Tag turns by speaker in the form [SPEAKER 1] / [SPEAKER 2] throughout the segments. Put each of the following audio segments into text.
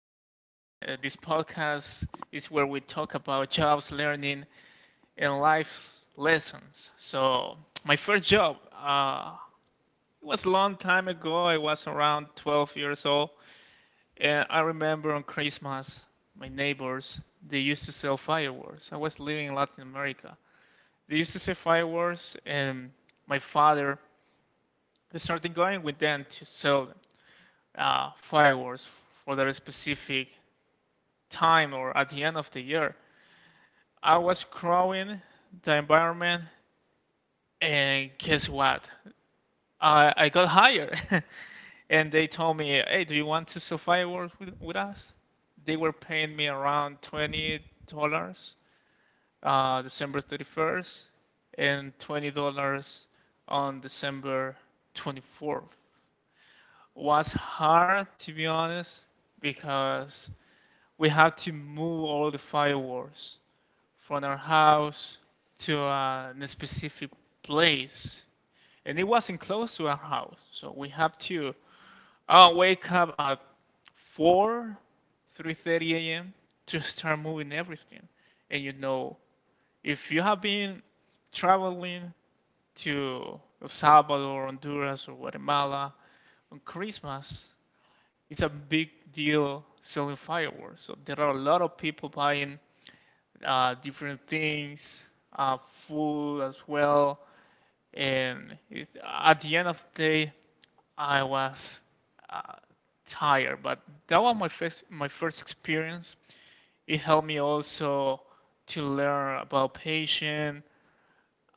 [SPEAKER 1] Yes, this podcast is where we talk about jobs, learning, and life lessons. So, my first job, it was a long time ago. I was around 12 years old, and I remember on Christmas, my neighbors, they used to sell fireworks. I was living in Latin America. They used to sell fireworks, and my father started going with them to sell fireworks for their specific time or at the end of the year. I was growing the environment, and guess what? I got hired. And they told me, hey, do you want to sell fireworks with us? They were paying me around $20 December 31st and $20 on December 24th. Was hard to be honest because we had to move all the fireworks from our house to a specific place, and it wasn't close to our house, so we have to wake up at 4, 3:30 a.m. to start moving everything. And you know, if you have been traveling to El Salvador, Honduras, or Guatemala on Christmas, it's a big deal selling fireworks. So there are a lot of people buying different things, food as well. And at the end of the day, I was uh, tired. But that was my first experience. It helped me also to learn about patience,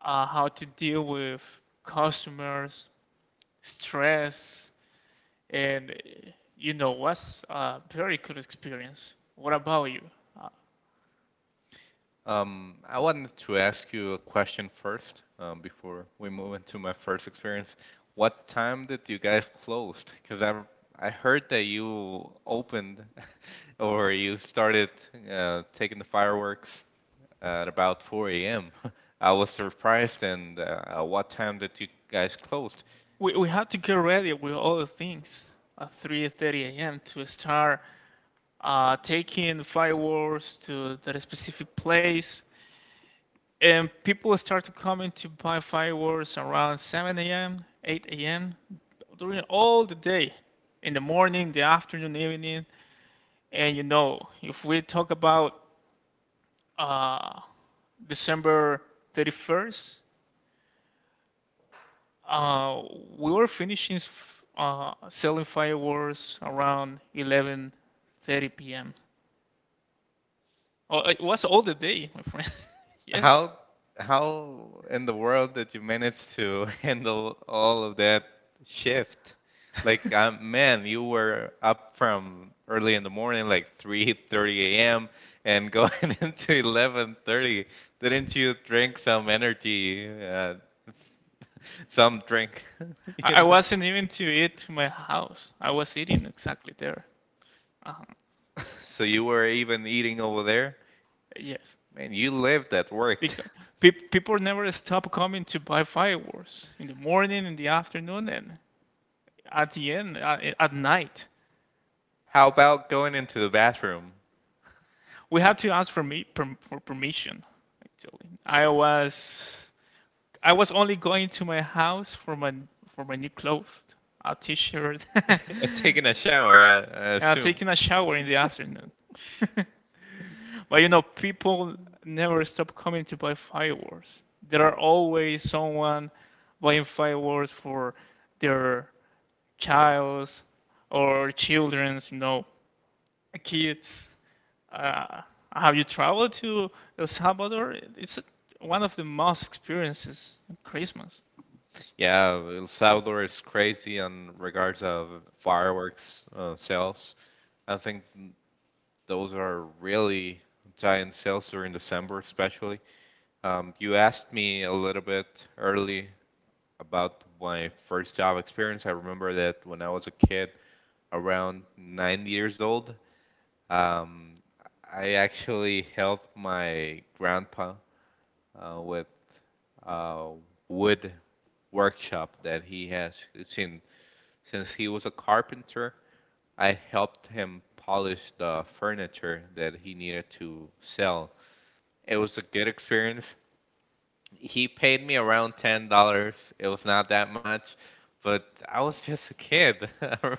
[SPEAKER 1] how to deal with customers, stress, and was a very good experience. What about you? Uh,
[SPEAKER 2] I wanted to ask you a question first, before we move into my first experience. What time did you guys close? Because I heard that you opened or you started taking the fireworks at about 4 a.m. I was surprised, and what time did you guys closed?
[SPEAKER 1] we have to get ready with all the things at 3:30 a.m. to start taking fireworks to that specific place, and people start to come in to buy fireworks around 7 a.m., 8 a.m. during all the day, in the morning, the afternoon, evening, and you know if we talk about uh, December 31st, Uh, we were finishing selling fireworks around 11:30 p.m. Oh, it was all the day, my friend. Yes,
[SPEAKER 2] How how in the world did you manage to handle all of that shift? Like, man, you were up from early in the morning, like 3:30 a.m. and going into 11:30. Didn't you drink some energy, s- some drink, you
[SPEAKER 1] I
[SPEAKER 2] know?
[SPEAKER 1] wasn't even to eat to my house. I was eating exactly there. Uh-huh.
[SPEAKER 2] So you were even eating over there?
[SPEAKER 1] Yes,
[SPEAKER 2] Man, you lived at work.
[SPEAKER 1] because people never stop coming to buy fireworks in the morning, in the afternoon, and at the end at night.
[SPEAKER 2] How about going into the bathroom?
[SPEAKER 1] We had to ask for permission. Actually, I was only going to my house for my new clothes, a t-shirt, and
[SPEAKER 2] And taking a shower, I
[SPEAKER 1] I'm
[SPEAKER 2] assume.
[SPEAKER 1] taking a shower in the afternoon. But people never stop coming to buy fireworks. There are always someone buying fireworks for their childs or children's, kids. Uh, have you traveled to El Salvador? It's one of the most experiences in Christmas.
[SPEAKER 2] Yeah, El Salvador is crazy in regards of fireworks sales. I think those are really giant sales during December, especially. You asked me a little bit early about my first job experience. I remember that when I was a kid, around 9 years old, um, I actually helped my grandpa with uh, wood workshop that he has. Since since he was a carpenter, I helped him polish the furniture that he needed to sell. It was a good experience he paid me around $10. It was not that much, but I was just a kid.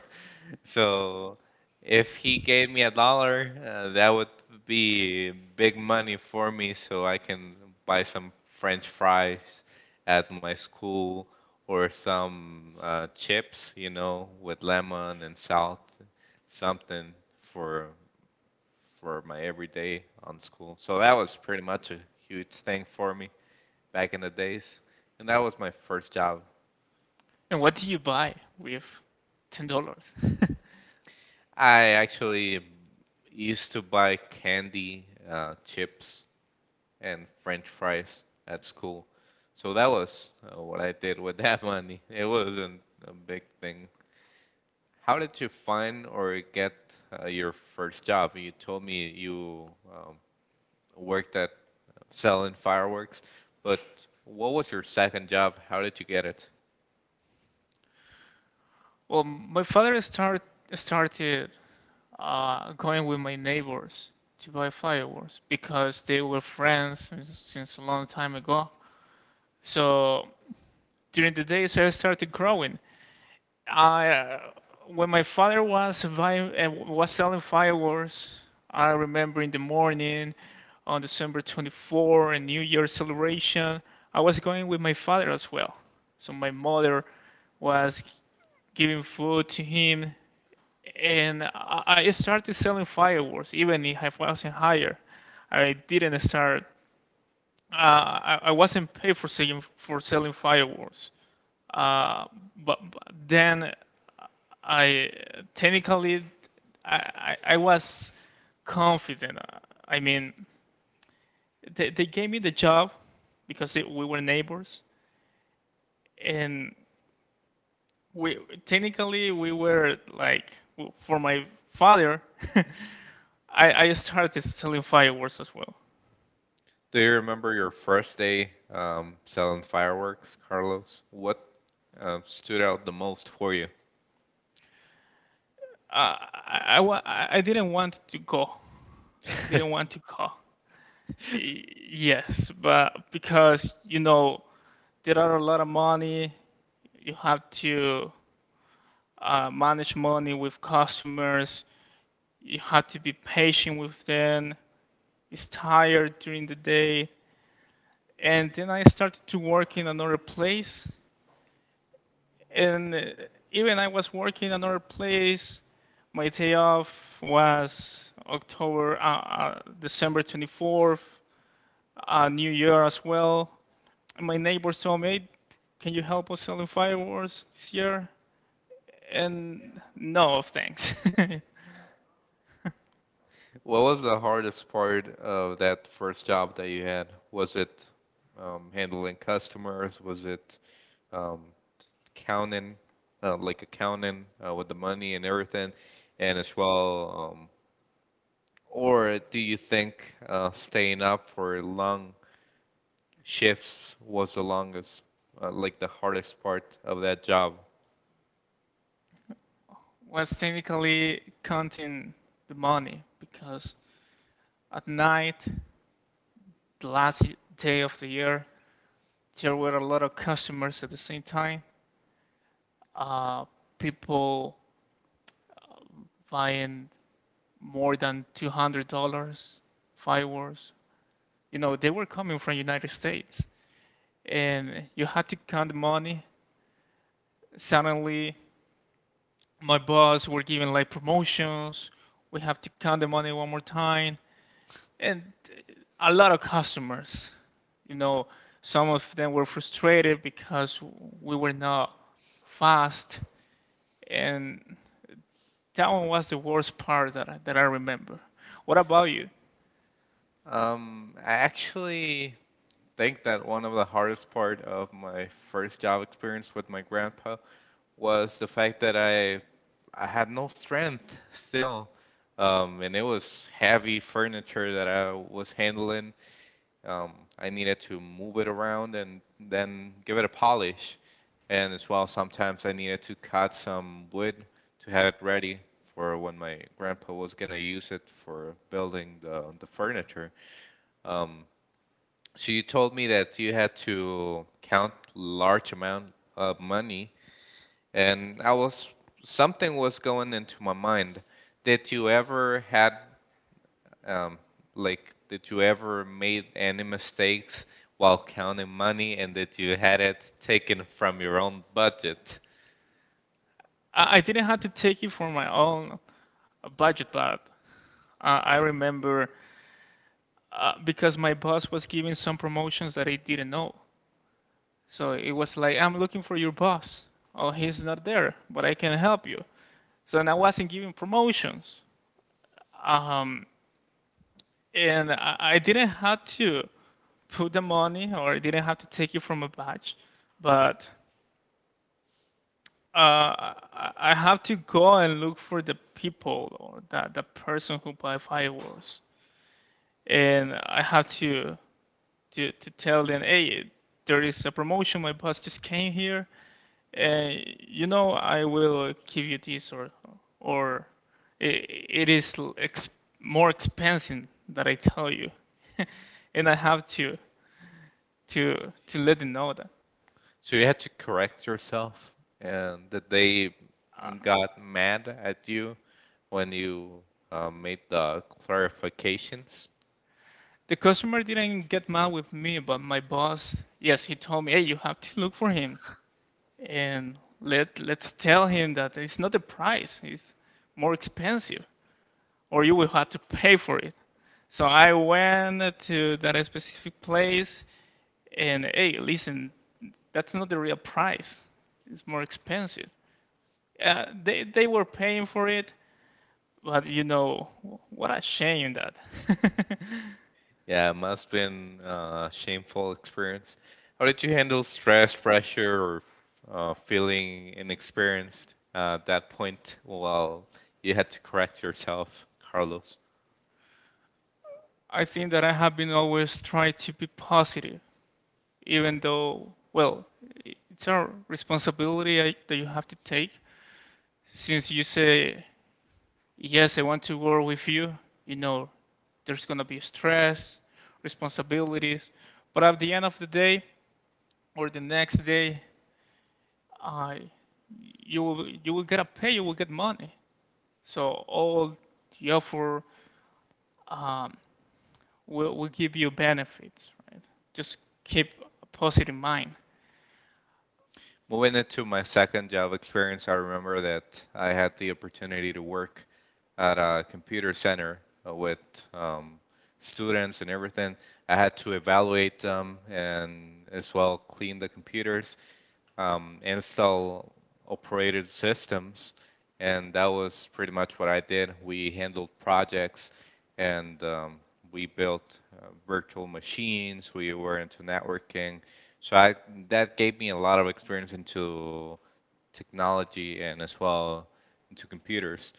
[SPEAKER 2] So if he gave me a dollar, that would be big money for me, so I can buy some French fries at my school or some chips, you know, with lemon and salt, something for my everyday on school. So that was pretty much a huge thing for me back in the days, and that was my first job.
[SPEAKER 1] And what do you buy with $10?
[SPEAKER 2] I actually used to buy candy, chips, and French fries at school. So that was what I did with that money. It wasn't a big thing. How did you find or get your first job? You told me you um, worked at selling fireworks, but what was your second job? How did you get it?
[SPEAKER 1] Well, my father started going with my neighbors to buy fireworks because they were friends since a long time ago. So during the days I started growing I when my father was was selling fireworks, I remember in the morning on December 24 and New Year celebration, I was going with my father as well. So my mother was giving food to him, and I started selling fireworks even if I wasn't hired. I didn't start. I wasn't paid for selling fireworks. Uh, but then I technically, I was confident. I mean, they gave me the job because we were neighbors, and we technically we were like for my father. I started selling fireworks as well.
[SPEAKER 2] Do you remember your first day selling fireworks, Carlos? What stood out the most for you?
[SPEAKER 1] Uh, I, I, I didn't want to go, didn't want to go. Yes, but because you know there are a lot of money, you have to manage money with customers. You had to be patient with them. It's tired during the day. And then I started to work in another place. And even I was working in another place. My day off was December 24th, New Year as well. And my neighbors told me, "Hey, can you help us selling fireworks this year?" And no, thanks.
[SPEAKER 2] What was the hardest part of that first job that you had? Was it handling customers? Was it um, counting, like accounting with the money and everything? And as well, or do you think staying up for long shifts was the longest, like the hardest part of that job?
[SPEAKER 1] Was technically counting the money because at night, the last day of the year, there were a lot of customers at the same time. Uh, People buying more than $200 fireworks. You know, they were coming from the United States and you had to count the money. Suddenly, my boss were giving like promotions. We have to count the money one more time, and a lot of customers you know some of them were frustrated because we were not fast, and that one was the worst part that I remember. What about you?
[SPEAKER 2] I actually think that one of the hardest part of my first job experience with my grandpa was the fact that I had no strength still. And it was heavy furniture that I was handling. Um, I needed to move it around and then give it a polish. And as well, sometimes I needed to cut some wood to have it ready for when my grandpa was gonna use it for building the furniture. Um, so you told me that you had to count large amount of money, and I was something was going into my mind. Did you ever had um, did you ever made any mistakes while counting money, and that you had it taken from your own budget?
[SPEAKER 1] I didn't have to take it for my own budget, but I remember because my boss was giving some promotions that I didn't know, so it was like I'm looking for your boss. Oh, he's not there, but I can help you. So, and I wasn't giving promotions. Um, and I, I didn't have to put the money, or I didn't have to take it from a batch, but uh, I have to go and look for the people or the person who buy fireworks, and I have to tell them, hey, there is a promotion. My boss just came here, and you know I will give you this, or it is more expensive that I tell you, and I have to let them know that
[SPEAKER 2] So you had to correct yourself, and that they
[SPEAKER 1] uh,
[SPEAKER 2] got mad at you when you made the clarifications?
[SPEAKER 1] the customer didn't get mad with me, but my boss, yes, he told me, hey, you have to look for him and let's tell him that it's not the price, it's more expensive, or you will have to pay for it. So I went to that specific place and, hey, listen, that's not the real price. It's more expensive. They were paying for it, but you know, what a shame that.
[SPEAKER 2] Yeah, it must been shameful experience. How did you handle stress, pressure, or feeling inexperienced at that point while you had to correct yourself, Carlos?
[SPEAKER 1] I think that I have been always trying to be positive, even though, well, it's a responsibility that you have to take. Since you say, yes, I want to work with you, you know, there's going to be stress, responsibilities. But at the end of the day or the next day, I, you will get a pay, you will get money. So all the offer um, will give you benefits, right? Just keep a positive mind.
[SPEAKER 2] Moving into my second job experience, I remember that I had the opportunity to work at a computer center with um, students and everything. I had to evaluate them and as well clean the computers, install operated systems, and that was pretty much what I did. We handled projects, and we built virtual machines. We were into networking, so I that gave me a lot of experience into technology and as well into computers.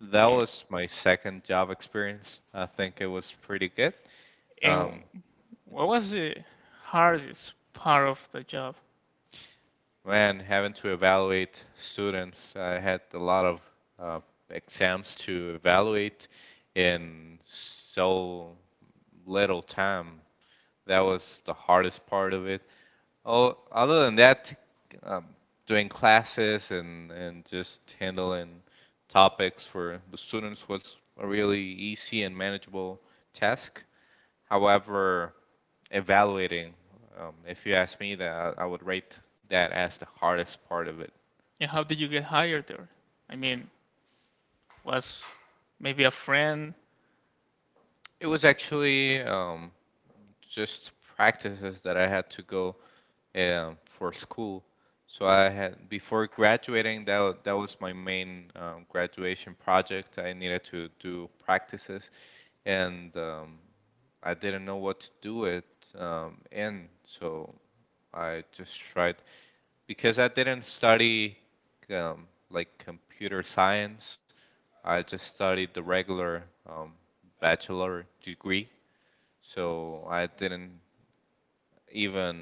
[SPEAKER 2] That
[SPEAKER 1] A-
[SPEAKER 2] was my second job experience. I think it was pretty good. Um,
[SPEAKER 1] And what was the hardest part of the job?
[SPEAKER 2] Man, having to evaluate students, I had a lot of uh, exams to evaluate in so little time. That was the hardest part of it. Oh, other than that, um, doing classes and just handling topics for the students was a really easy and manageable task. However, evaluating, if you ask me, that I would rate that as the hardest part of it.
[SPEAKER 1] And how did you get hired there? I mean, was maybe a friend?
[SPEAKER 2] It was actually just practices that I had to go for school. So I had before graduating that was my main graduation project. I needed to do practices, and I didn't know what to do it in. So I just tried because I didn't study like computer science. I just studied the regular bachelor degree so I didn't even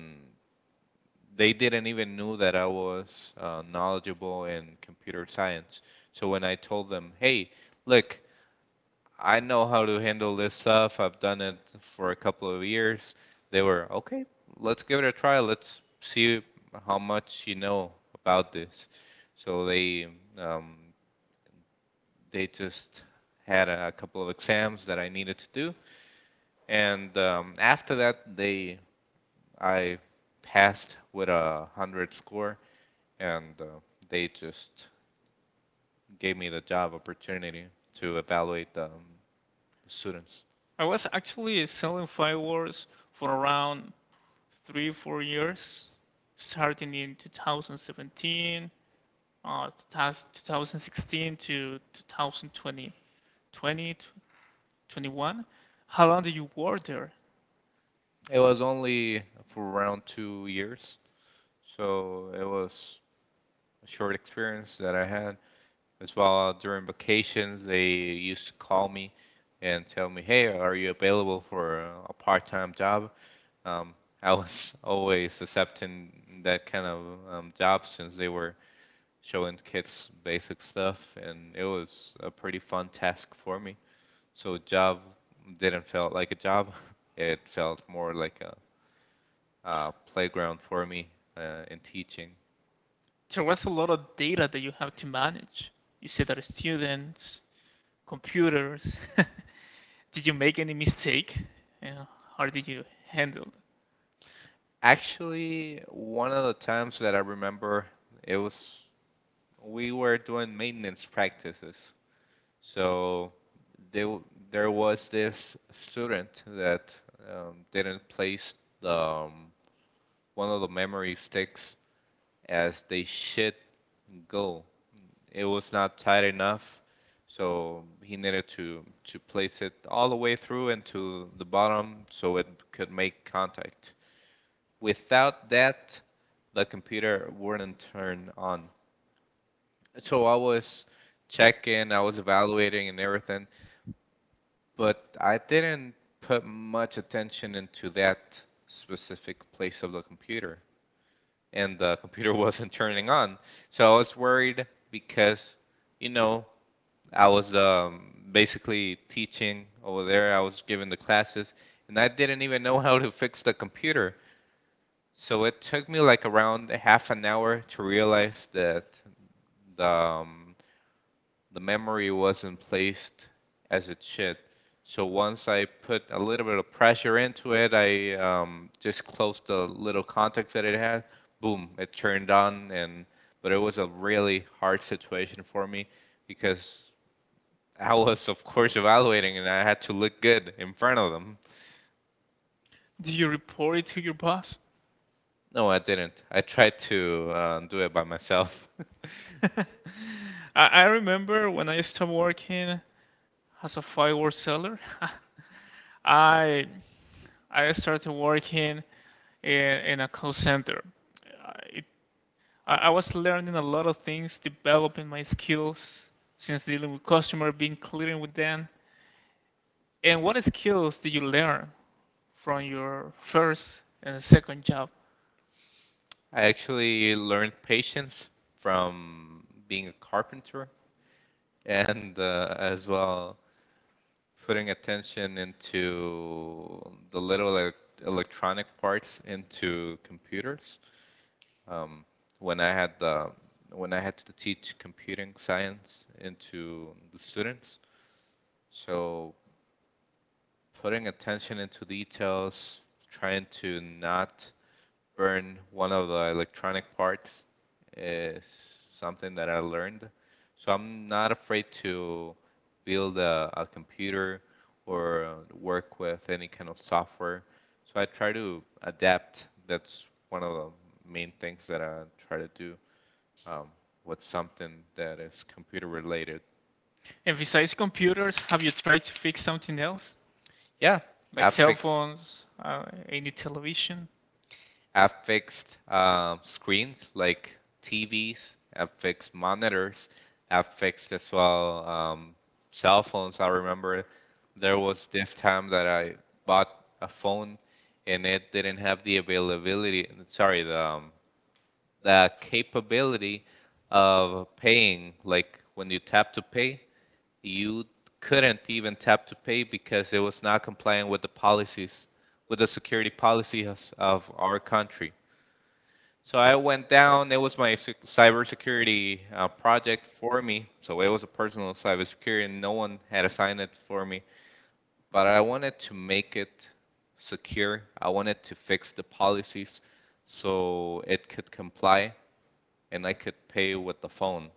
[SPEAKER 2] they didn't even knew that I was knowledgeable in computer science. So when I told them, "Hey, look, I know how to handle this stuff. I've done it for a couple of years," they were, "Okay, let's give it a try. Let's see how much you know about this." So um, they just had a couple of exams that I needed to do, and after that they I passed with 100 score, and they just gave me the job opportunity to evaluate the students.
[SPEAKER 1] I was actually selling fireworks for around 3, 4 years, starting in 2017, uh, 2016 to 2020, 20, twenty, 21. How long did you work there?
[SPEAKER 2] It was only for around 2 years, so it was a short experience that I had. As well, during vacations, they used to call me and tell me, "Hey, are you available for a part-time job?" Um, I was always accepting that kind of job since they were showing kids basic stuff, and it was a pretty fun task for me. So job didn't felt like a job; it felt more like a, playground for me in teaching.
[SPEAKER 1] There was a lot of data that you have to manage. You said that students, computers. Did you make any mistake? Yeah. How did you handle it?
[SPEAKER 2] Actually, one of the times that I remember, it was we were doing maintenance practices. So they, there was this student that didn't place the one of the memory sticks as they shit go. It was not tight enough, so he needed to place it all the way through and to the bottom so it could make contact. Without that, the computer wouldn't turn on. So I was checking, I was evaluating and everything, but I didn't put much attention into that specific place of the computer, and the computer wasn't turning on. So I was worried because, you know, I was basically teaching over there. I was giving the classes, and I didn't even know how to fix the computer. So it took me like around half an hour to realize that the memory wasn't placed as it should. So once I put a little bit of pressure into it, I just closed the little contacts that it had. Boom, it turned on, and but it was a really hard situation for me because I was, of course, evaluating, and I had to look good in front of them.
[SPEAKER 1] Do you report it to your boss?
[SPEAKER 2] No, I didn't. I tried to do it by myself.
[SPEAKER 1] I remember when I started working as a firework seller, I I started working in a call center. I- It, I was learning a lot of things, developing my skills since dealing with customers, being clear with them. And what skills did you learn from your first and second job?
[SPEAKER 2] I actually learned patience from being a carpenter, and as well putting attention into the little electronic parts into computers. Um, when I had the when I had to teach computing science into the students, so putting attention into details, trying to not burn one of the electronic parts is something that I learned. So I'm not afraid to build a computer or work with any kind of software. So I try to adapt. That's one of the main things that I try to do um, with something that is computer related.
[SPEAKER 1] And besides computers, have you tried to fix something else?
[SPEAKER 2] Yeah,
[SPEAKER 1] Like cell
[SPEAKER 2] affix
[SPEAKER 1] phones, any television?
[SPEAKER 2] I fixed screens like TVs. I've fixed monitors. I fixed as well cell phones. I remember there was this time that I bought a phone and it didn't have the availability, sorry, the capability of paying. Like when you tap to pay, you couldn't even tap to pay because it was not complying with the policies, with the security policies of our country. So I went down. It was my cybersecurity project for me. So it was a personal cybersecurity, and no one had assigned it for me. But I wanted to make it secure. I wanted to fix the policies so it could comply and I could pay with the phone.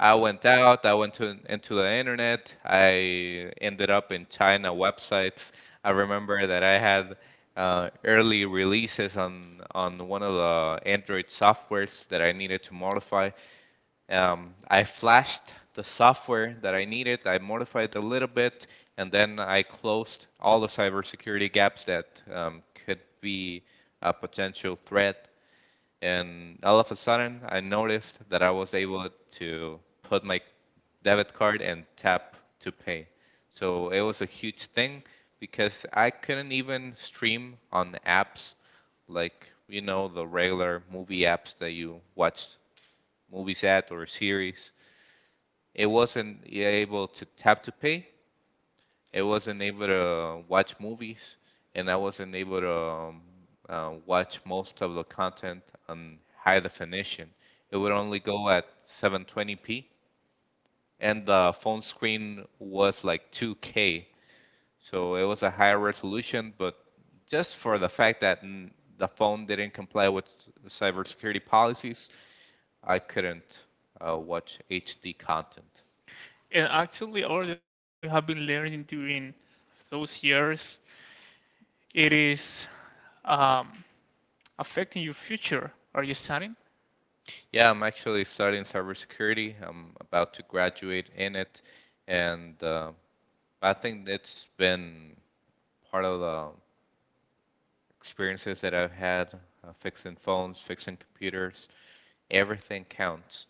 [SPEAKER 2] I went out, I went to, into the internet, I ended up in China websites. I remember that I had early releases on one of the Android softwares that I needed to modify. I flashed the software that I needed, I modified a little bit, and then I closed all the cybersecurity gaps that could be a potential threat, and all of a sudden, I noticed that I was able to put my debit card and tap to pay. So it was a huge thing, because I couldn't even stream on the apps like, you know, the regular movie apps that you watch movies at, or series. It wasn't able to tap to pay, I wasn't able to watch movies, and I wasn't able to watch most of the content on high definition. It would only go at 720p, and the phone screen was like 2K, so it was a higher resolution. But just for the fact that the phone didn't comply with cybersecurity policies, I couldn't watch HD content.
[SPEAKER 1] And actually, all the things you have been learning during those years, it is um, affecting your future. Are you studying?
[SPEAKER 2] Yeah, I'm actually studying cybersecurity. I'm about to graduate in it, and I think it's been part of the experiences that I've had fixing phones, fixing computers. Everything counts.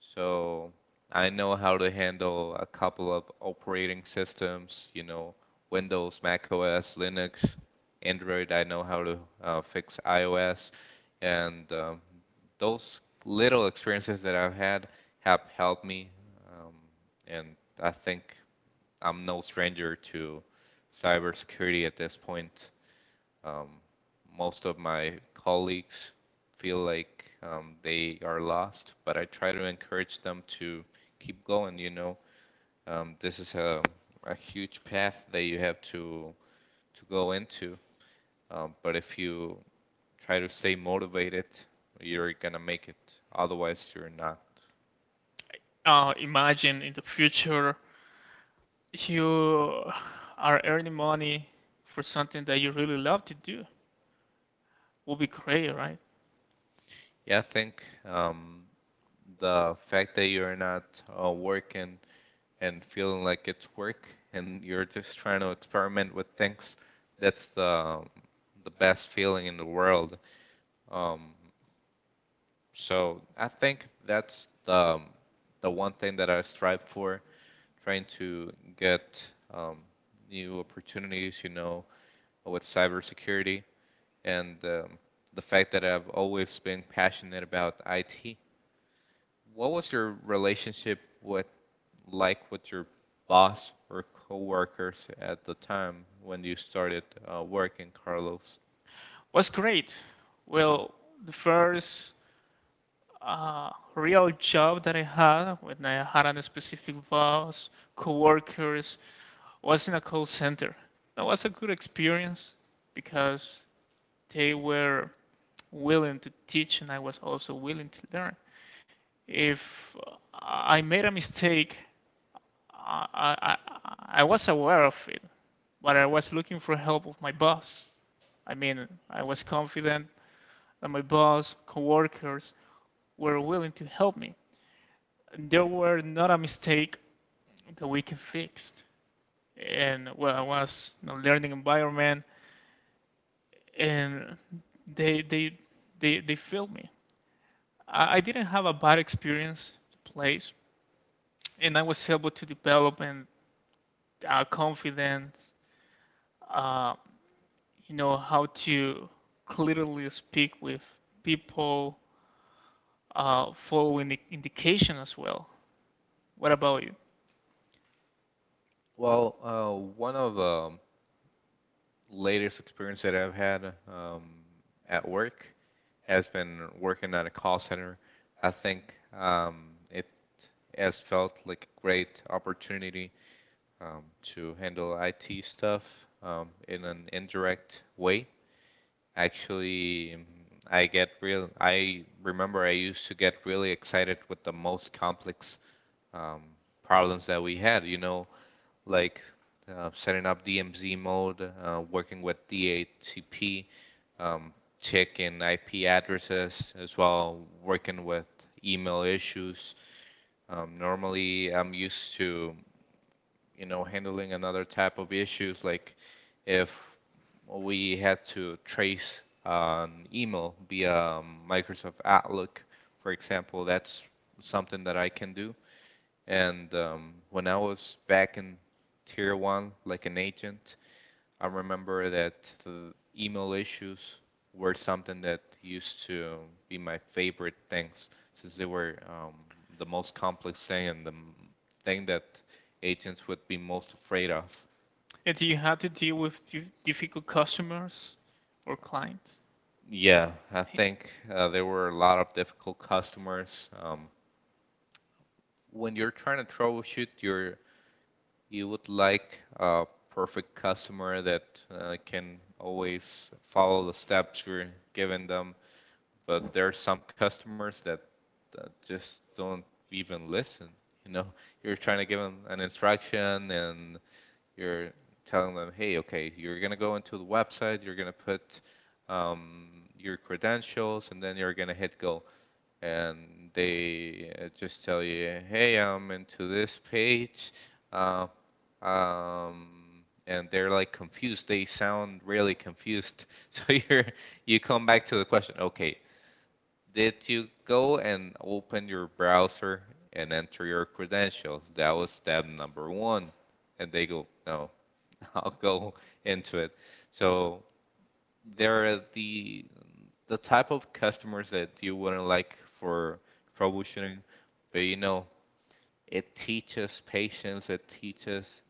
[SPEAKER 2] So I know how to handle a couple of operating systems, you know, Windows, Mac OS, Linux, Android. I know how to fix iOS. And those little experiences that I've had have helped me. Um, and I think I'm no stranger to cybersecurity at this point. Um, Most of my colleagues feel like they are lost, but I try to encourage them to keep going. You know, this is a huge path that you have to go into. But if you try to stay motivated, you're gonna make it. Otherwise, you're not.
[SPEAKER 1] Imagine in the future you are earning money for something that you really love to do. Will be great, right?
[SPEAKER 2] Yeah, I think the fact that you're not working and feeling like it's work, and you're just trying to experiment with things, that's the best feeling in the world. Um, so I think that's the one thing that I strive for, trying to get um, new opportunities. You know, with cybersecurity, and the fact that I've always been passionate about IT. What was your relationship with, like, with your boss or coworkers at the time when you started working, Carlos?
[SPEAKER 1] What's great? Well, the first real job that I had when I had a specific boss, coworkers, was in a call center. That was a good experience because they were willing to teach and I was also willing to learn. If I made a mistake, I, I, I was aware of it, but I was looking for help of my boss. I mean, I was confident that my boss, coworkers were willing to help me. There were not a mistake that we can fix. And well, I was in a learning environment, and they they they failed me. I didn't have a bad experience to place, and I was able to develop and confidence. Uh, you know how to clearly speak with people, following the indication as well. What about you?
[SPEAKER 2] Well, one of the latest experience that I've had at work has been working at a call center. I think it has felt like a great opportunity to handle IT stuff in an indirect way. Actually, I get real. I remember I used to get really excited with the most complex um, problems that we had. You know, like setting up DMZ mode, working with DHCP, um, checking IP addresses as well, working with email issues. Normally, I'm used to, you know, handling another type of issues, like if we had to trace an email via Microsoft Outlook, for example, that's something that I can do. And when I was back in Tier 1, like an agent, I remember that the email issues were something that used to be my favorite things, since they were the most complex thing and the thing that agents would be most afraid of.
[SPEAKER 1] And do you have to deal with difficult customers or clients?
[SPEAKER 2] Yeah, I
[SPEAKER 1] Hey,
[SPEAKER 2] think there were a lot of difficult customers. When you're trying to troubleshoot, you would like a perfect customer that can always follow the steps you're giving them, but there are some customers that just don't even listen. You know, you're trying to give them an instruction and you're telling them, hey, okay, you're gonna go into the website, you're gonna put your credentials, and then you're gonna hit go. And they just tell you, hey, I'm into this page. Uh, and they're like confused. They sound really confused. So you're you come back to the question, okay, did you go and open your browser and enter your credentials? That was step number one. And they go, no, I'll go into it. So they're the type of customers that you wouldn't like for troubleshooting, but you know, it teaches patience, it teaches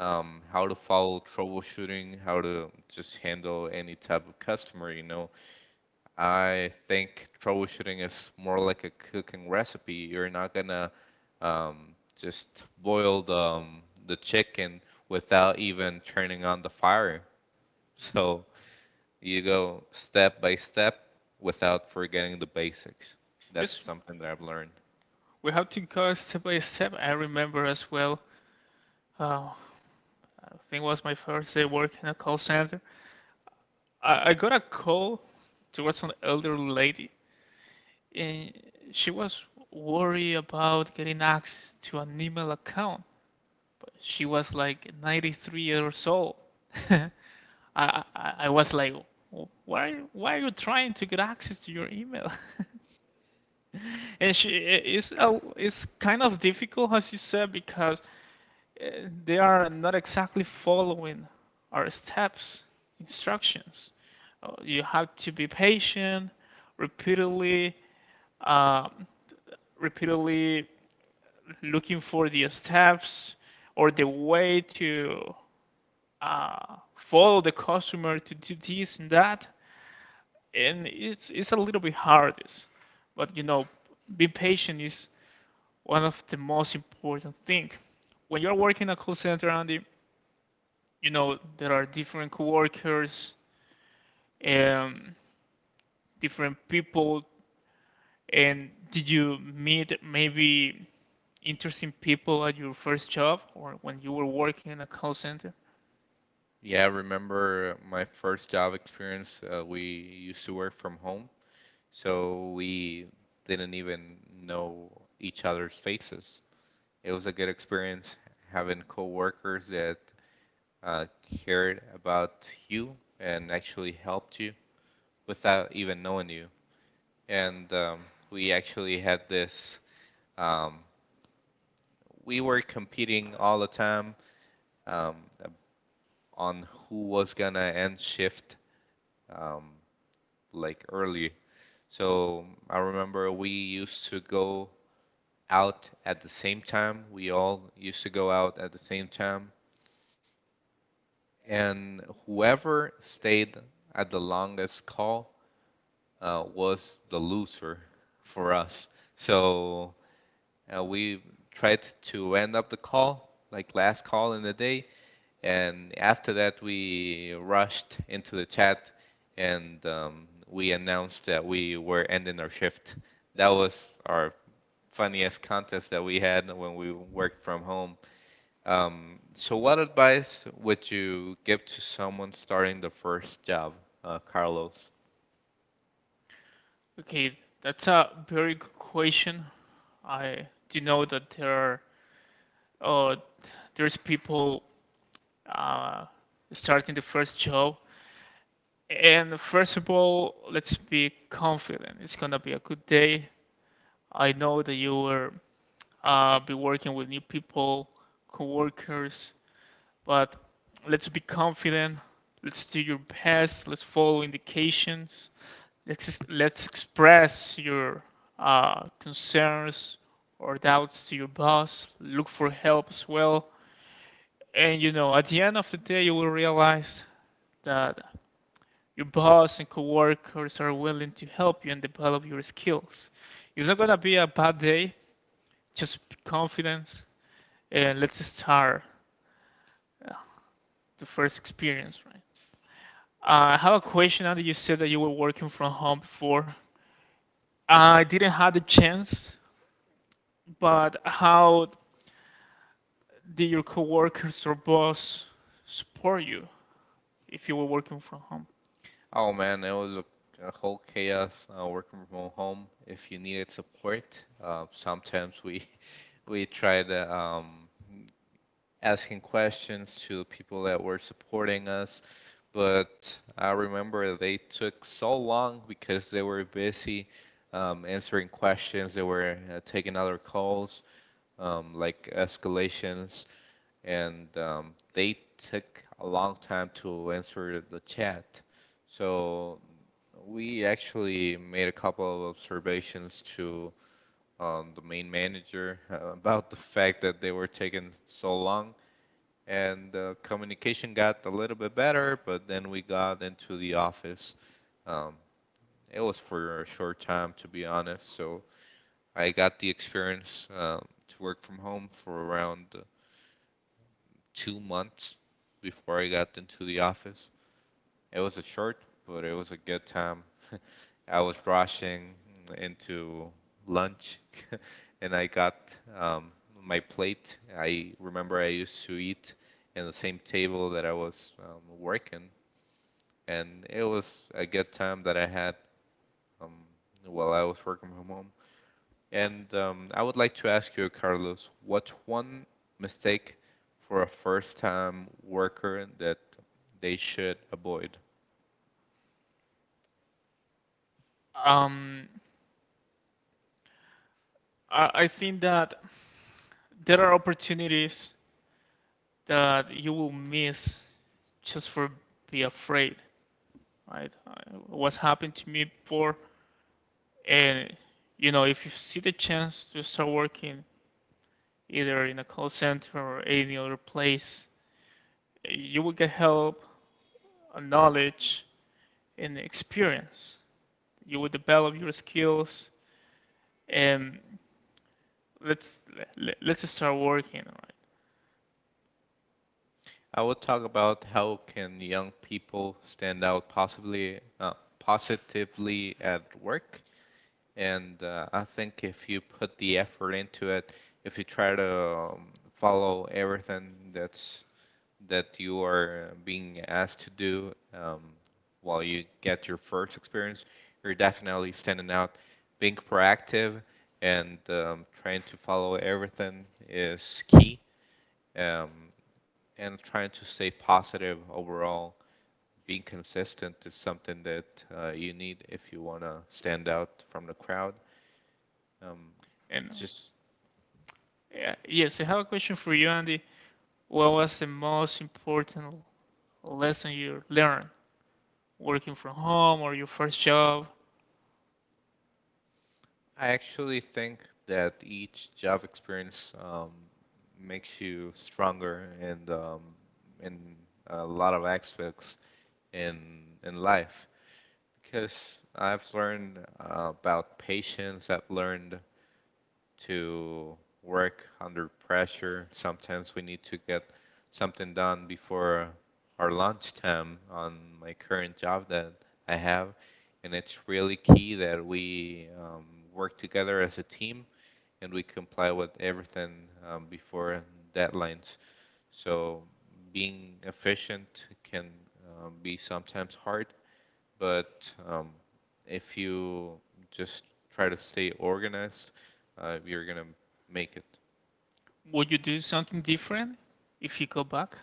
[SPEAKER 2] how to follow troubleshooting, how to just handle any type of customer, you know. I think troubleshooting is more like a cooking recipe. You're not gonna just boil the chicken without even turning on the fire. So you go step by step without forgetting the basics. That's
[SPEAKER 1] yes,
[SPEAKER 2] something that I've learned.
[SPEAKER 1] we have to go step by step. I remember as well. Uh, I think it was my first day working at a call center. I got a call towards an elderly lady, and she was worried about getting access to an email account. But she was like 93 years old. I, I was like, why are you trying to get access to your email? And she it's kind of difficult, as you said, because uh, they are not exactly following our steps, instructions. You have to be patient, repeatedly, um, repeatedly looking for the steps or the way to follow the customer to do this and that. And it's a little bit hard, this. But be patient is one of the most important thing. When you're working in a call center, Andy, you know there are different coworkers, um, different people, and did you meet maybe interesting people at your first job or when you were working in a call center?
[SPEAKER 2] Yeah, I remember my first job experience, we used to work from home, so we didn't even know each other's faces. It was a good experience having coworkers that uh, cared about you and actually helped you without even knowing you. And we actually had this. Um, we were competing all the time um, on who was gonna end shift um, like early. So I remember we used to go out at the same time. We all used to go out at the same time. And whoever stayed at the longest call was the loser for us. So we tried to end up the call, like last call in the day. And after that, we rushed into the chat and we announced that we were ending our shift. That was our funniest contest that we had when we worked from home. So, what advice would you give to someone starting the first job, Carlos?
[SPEAKER 1] Okay, that's a very good question. I do know that uh, there's people uh, starting the first job. And first of all, let's be confident. It's gonna be a good day. I know that you will be working with new people, coworkers, but let's be confident. Let's do your best. Let's follow indications. Let's express your concerns or doubts to your boss. Look for help as well. And you know, at the end of the day, you will realize that your boss and coworkers are willing to help you and develop your skills. It's not gonna be a bad day. Just be confident and let's start uh, the first experience, right? I have a question. Andy, you said that you were working from home before. I didn't have the chance, but how did your coworkers or boss support you if you were working from home?
[SPEAKER 2] Oh man, it was a whole chaos working from home. If you needed support, sometimes we we tried asking questions to the people that were supporting us, but I remember they took so long because they were busy answering questions. They were taking other calls, like escalations, and they took a long time to answer the chat. So we actually made a couple of observations to the main manager about the fact that they were taking so long. And communication got a little bit better, but then we got into the office. Um, it was for a short time, to be honest. So I got the experience to work from home for around 2 months before I got into the office. It was a short, but it was a good time. I was rushing into lunch and I got um, my plate. I remember I used to eat in the same table that I was working, and it was a good time that I had um, while I was working from home. And I would like to ask you, Carlos, what's one mistake for a first-time worker that they should avoid?
[SPEAKER 1] Um, I think that there are opportunities that you will miss just for be afraid, right? What's happened to me before, and you know, if you see the chance to start working either in a call center or any other place, you will get help, knowledge, and experience. You will develop your skills, and let's let, let us start working, right?
[SPEAKER 2] I will talk about how can young people stand out possibly positively at work. And I think if you put the effort into it, if you try to follow everything that's that you are being asked to do while you get your first experience, you're definitely standing out. Being proactive and trying to follow everything is key. Um, and trying to stay positive overall, being consistent is something that you need if you want to stand out from the crowd. Um,
[SPEAKER 1] And
[SPEAKER 2] just
[SPEAKER 1] yeah, yes, I have a question for you, Andy. What was the most important lesson you learned working from home or your first job,
[SPEAKER 2] I actually think that each job experience makes you stronger and in a lot of aspects in life, because I've learned about patience. I've learned to work under pressure. Sometimes we need to get something done before our lunchtime on my current job that I have, and it's really key that we work together as a team and we comply with everything before deadlines. So being efficient can be sometimes hard, but if you just try to stay organized, you're gonna make it.
[SPEAKER 1] would you do something different if you go back?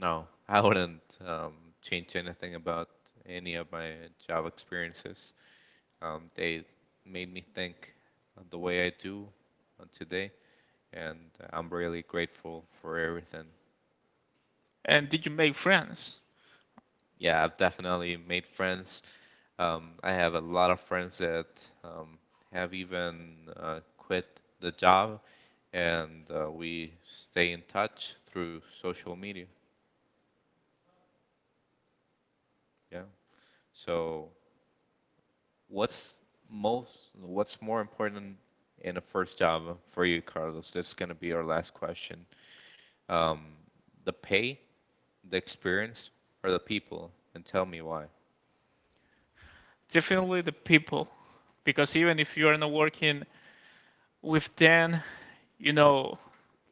[SPEAKER 2] No, I wouldn't change anything about any of my job experiences. They made me think the way I do today, and I'm really grateful for everything.
[SPEAKER 1] And did you make friends?
[SPEAKER 2] Yeah, I've definitely made friends. I have a lot of friends that um, have even quit the job, and we stay in touch through social media. Yeah. So, what's most, what's more important in a first job for you, Carlos? That's going to be our last question. Um, the pay, the experience, or the people? And tell me why.
[SPEAKER 1] Definitely the people, because even if you are not working with them, you know,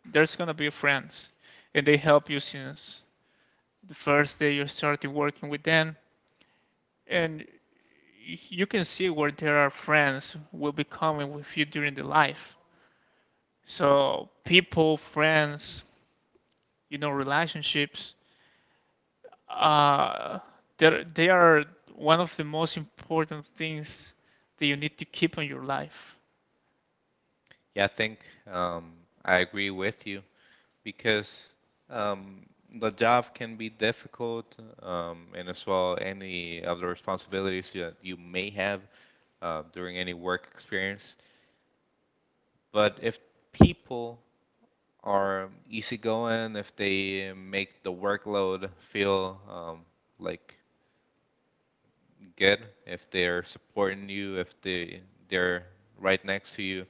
[SPEAKER 1] there's gonna be friends, and they help you since the first day you started working with them, and you can see where there are friends will be coming with you during the life. So people, friends, you know, relationships uh, they're, one of the most important things that you need to keep on your life.
[SPEAKER 2] Yeah, I think um, I agree with you, because um, the job can be difficult, and as well any other responsibilities that you may have during any work experience. But if people are easygoing, if they make the workload feel like good, if they're supporting you, if they're right next to you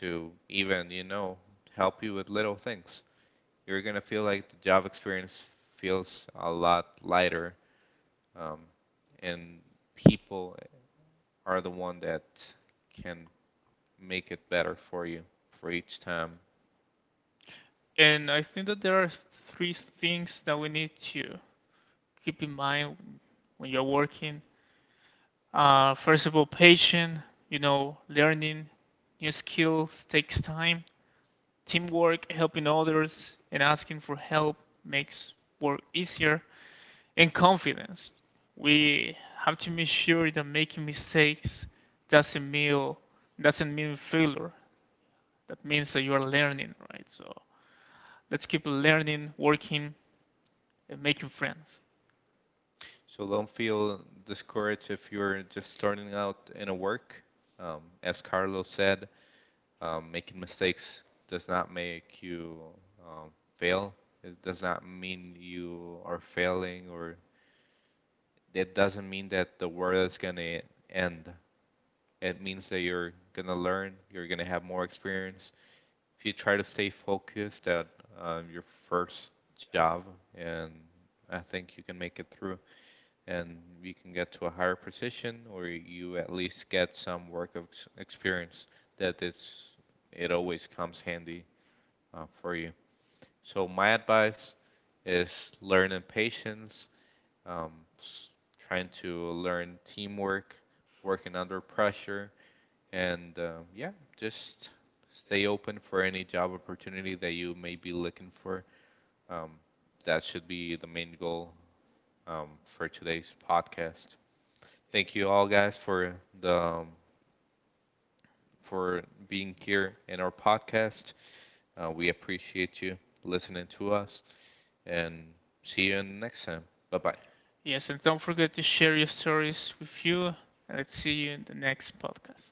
[SPEAKER 2] to even, you know, help you with little things, you're gonna feel like the job experience feels a lot lighter, um, and people are the one that can make it better for you for each time.
[SPEAKER 1] And I think that there are three things that we need to keep in mind when you're working. First of all, patience. You know, learning new skills takes time. Teamwork, helping others, and asking for help makes work easier. And confidence. We have to make sure that making mistakes doesn't mean doesn't mean failure. That means that you are learning, right? So let's keep learning, working, and making friends.
[SPEAKER 2] So don't feel discouraged if you're just starting out in a work. As Carlos said, making mistakes does not make you um, fail. It does not mean you are failing, or it doesn't mean that the world is gonna end. It means that you're gonna learn, you're gonna have more experience. If you try to stay focused at your first job, and I think you can make it through, and you can get to a higher position, or you at least get some work of experience. That it's it always comes handy for you. So my advice is learning patience, um, trying to learn teamwork, working under pressure, and yeah, just stay open for any job opportunity that you may be looking for. Um, that should be the main goal for today's podcast. Thank you all, guys, for the for being here in our podcast. We appreciate you listening to us, and see you in the next time. Bye bye.
[SPEAKER 1] Yes, and don't forget to share your stories with you. Let's see you in the next podcast.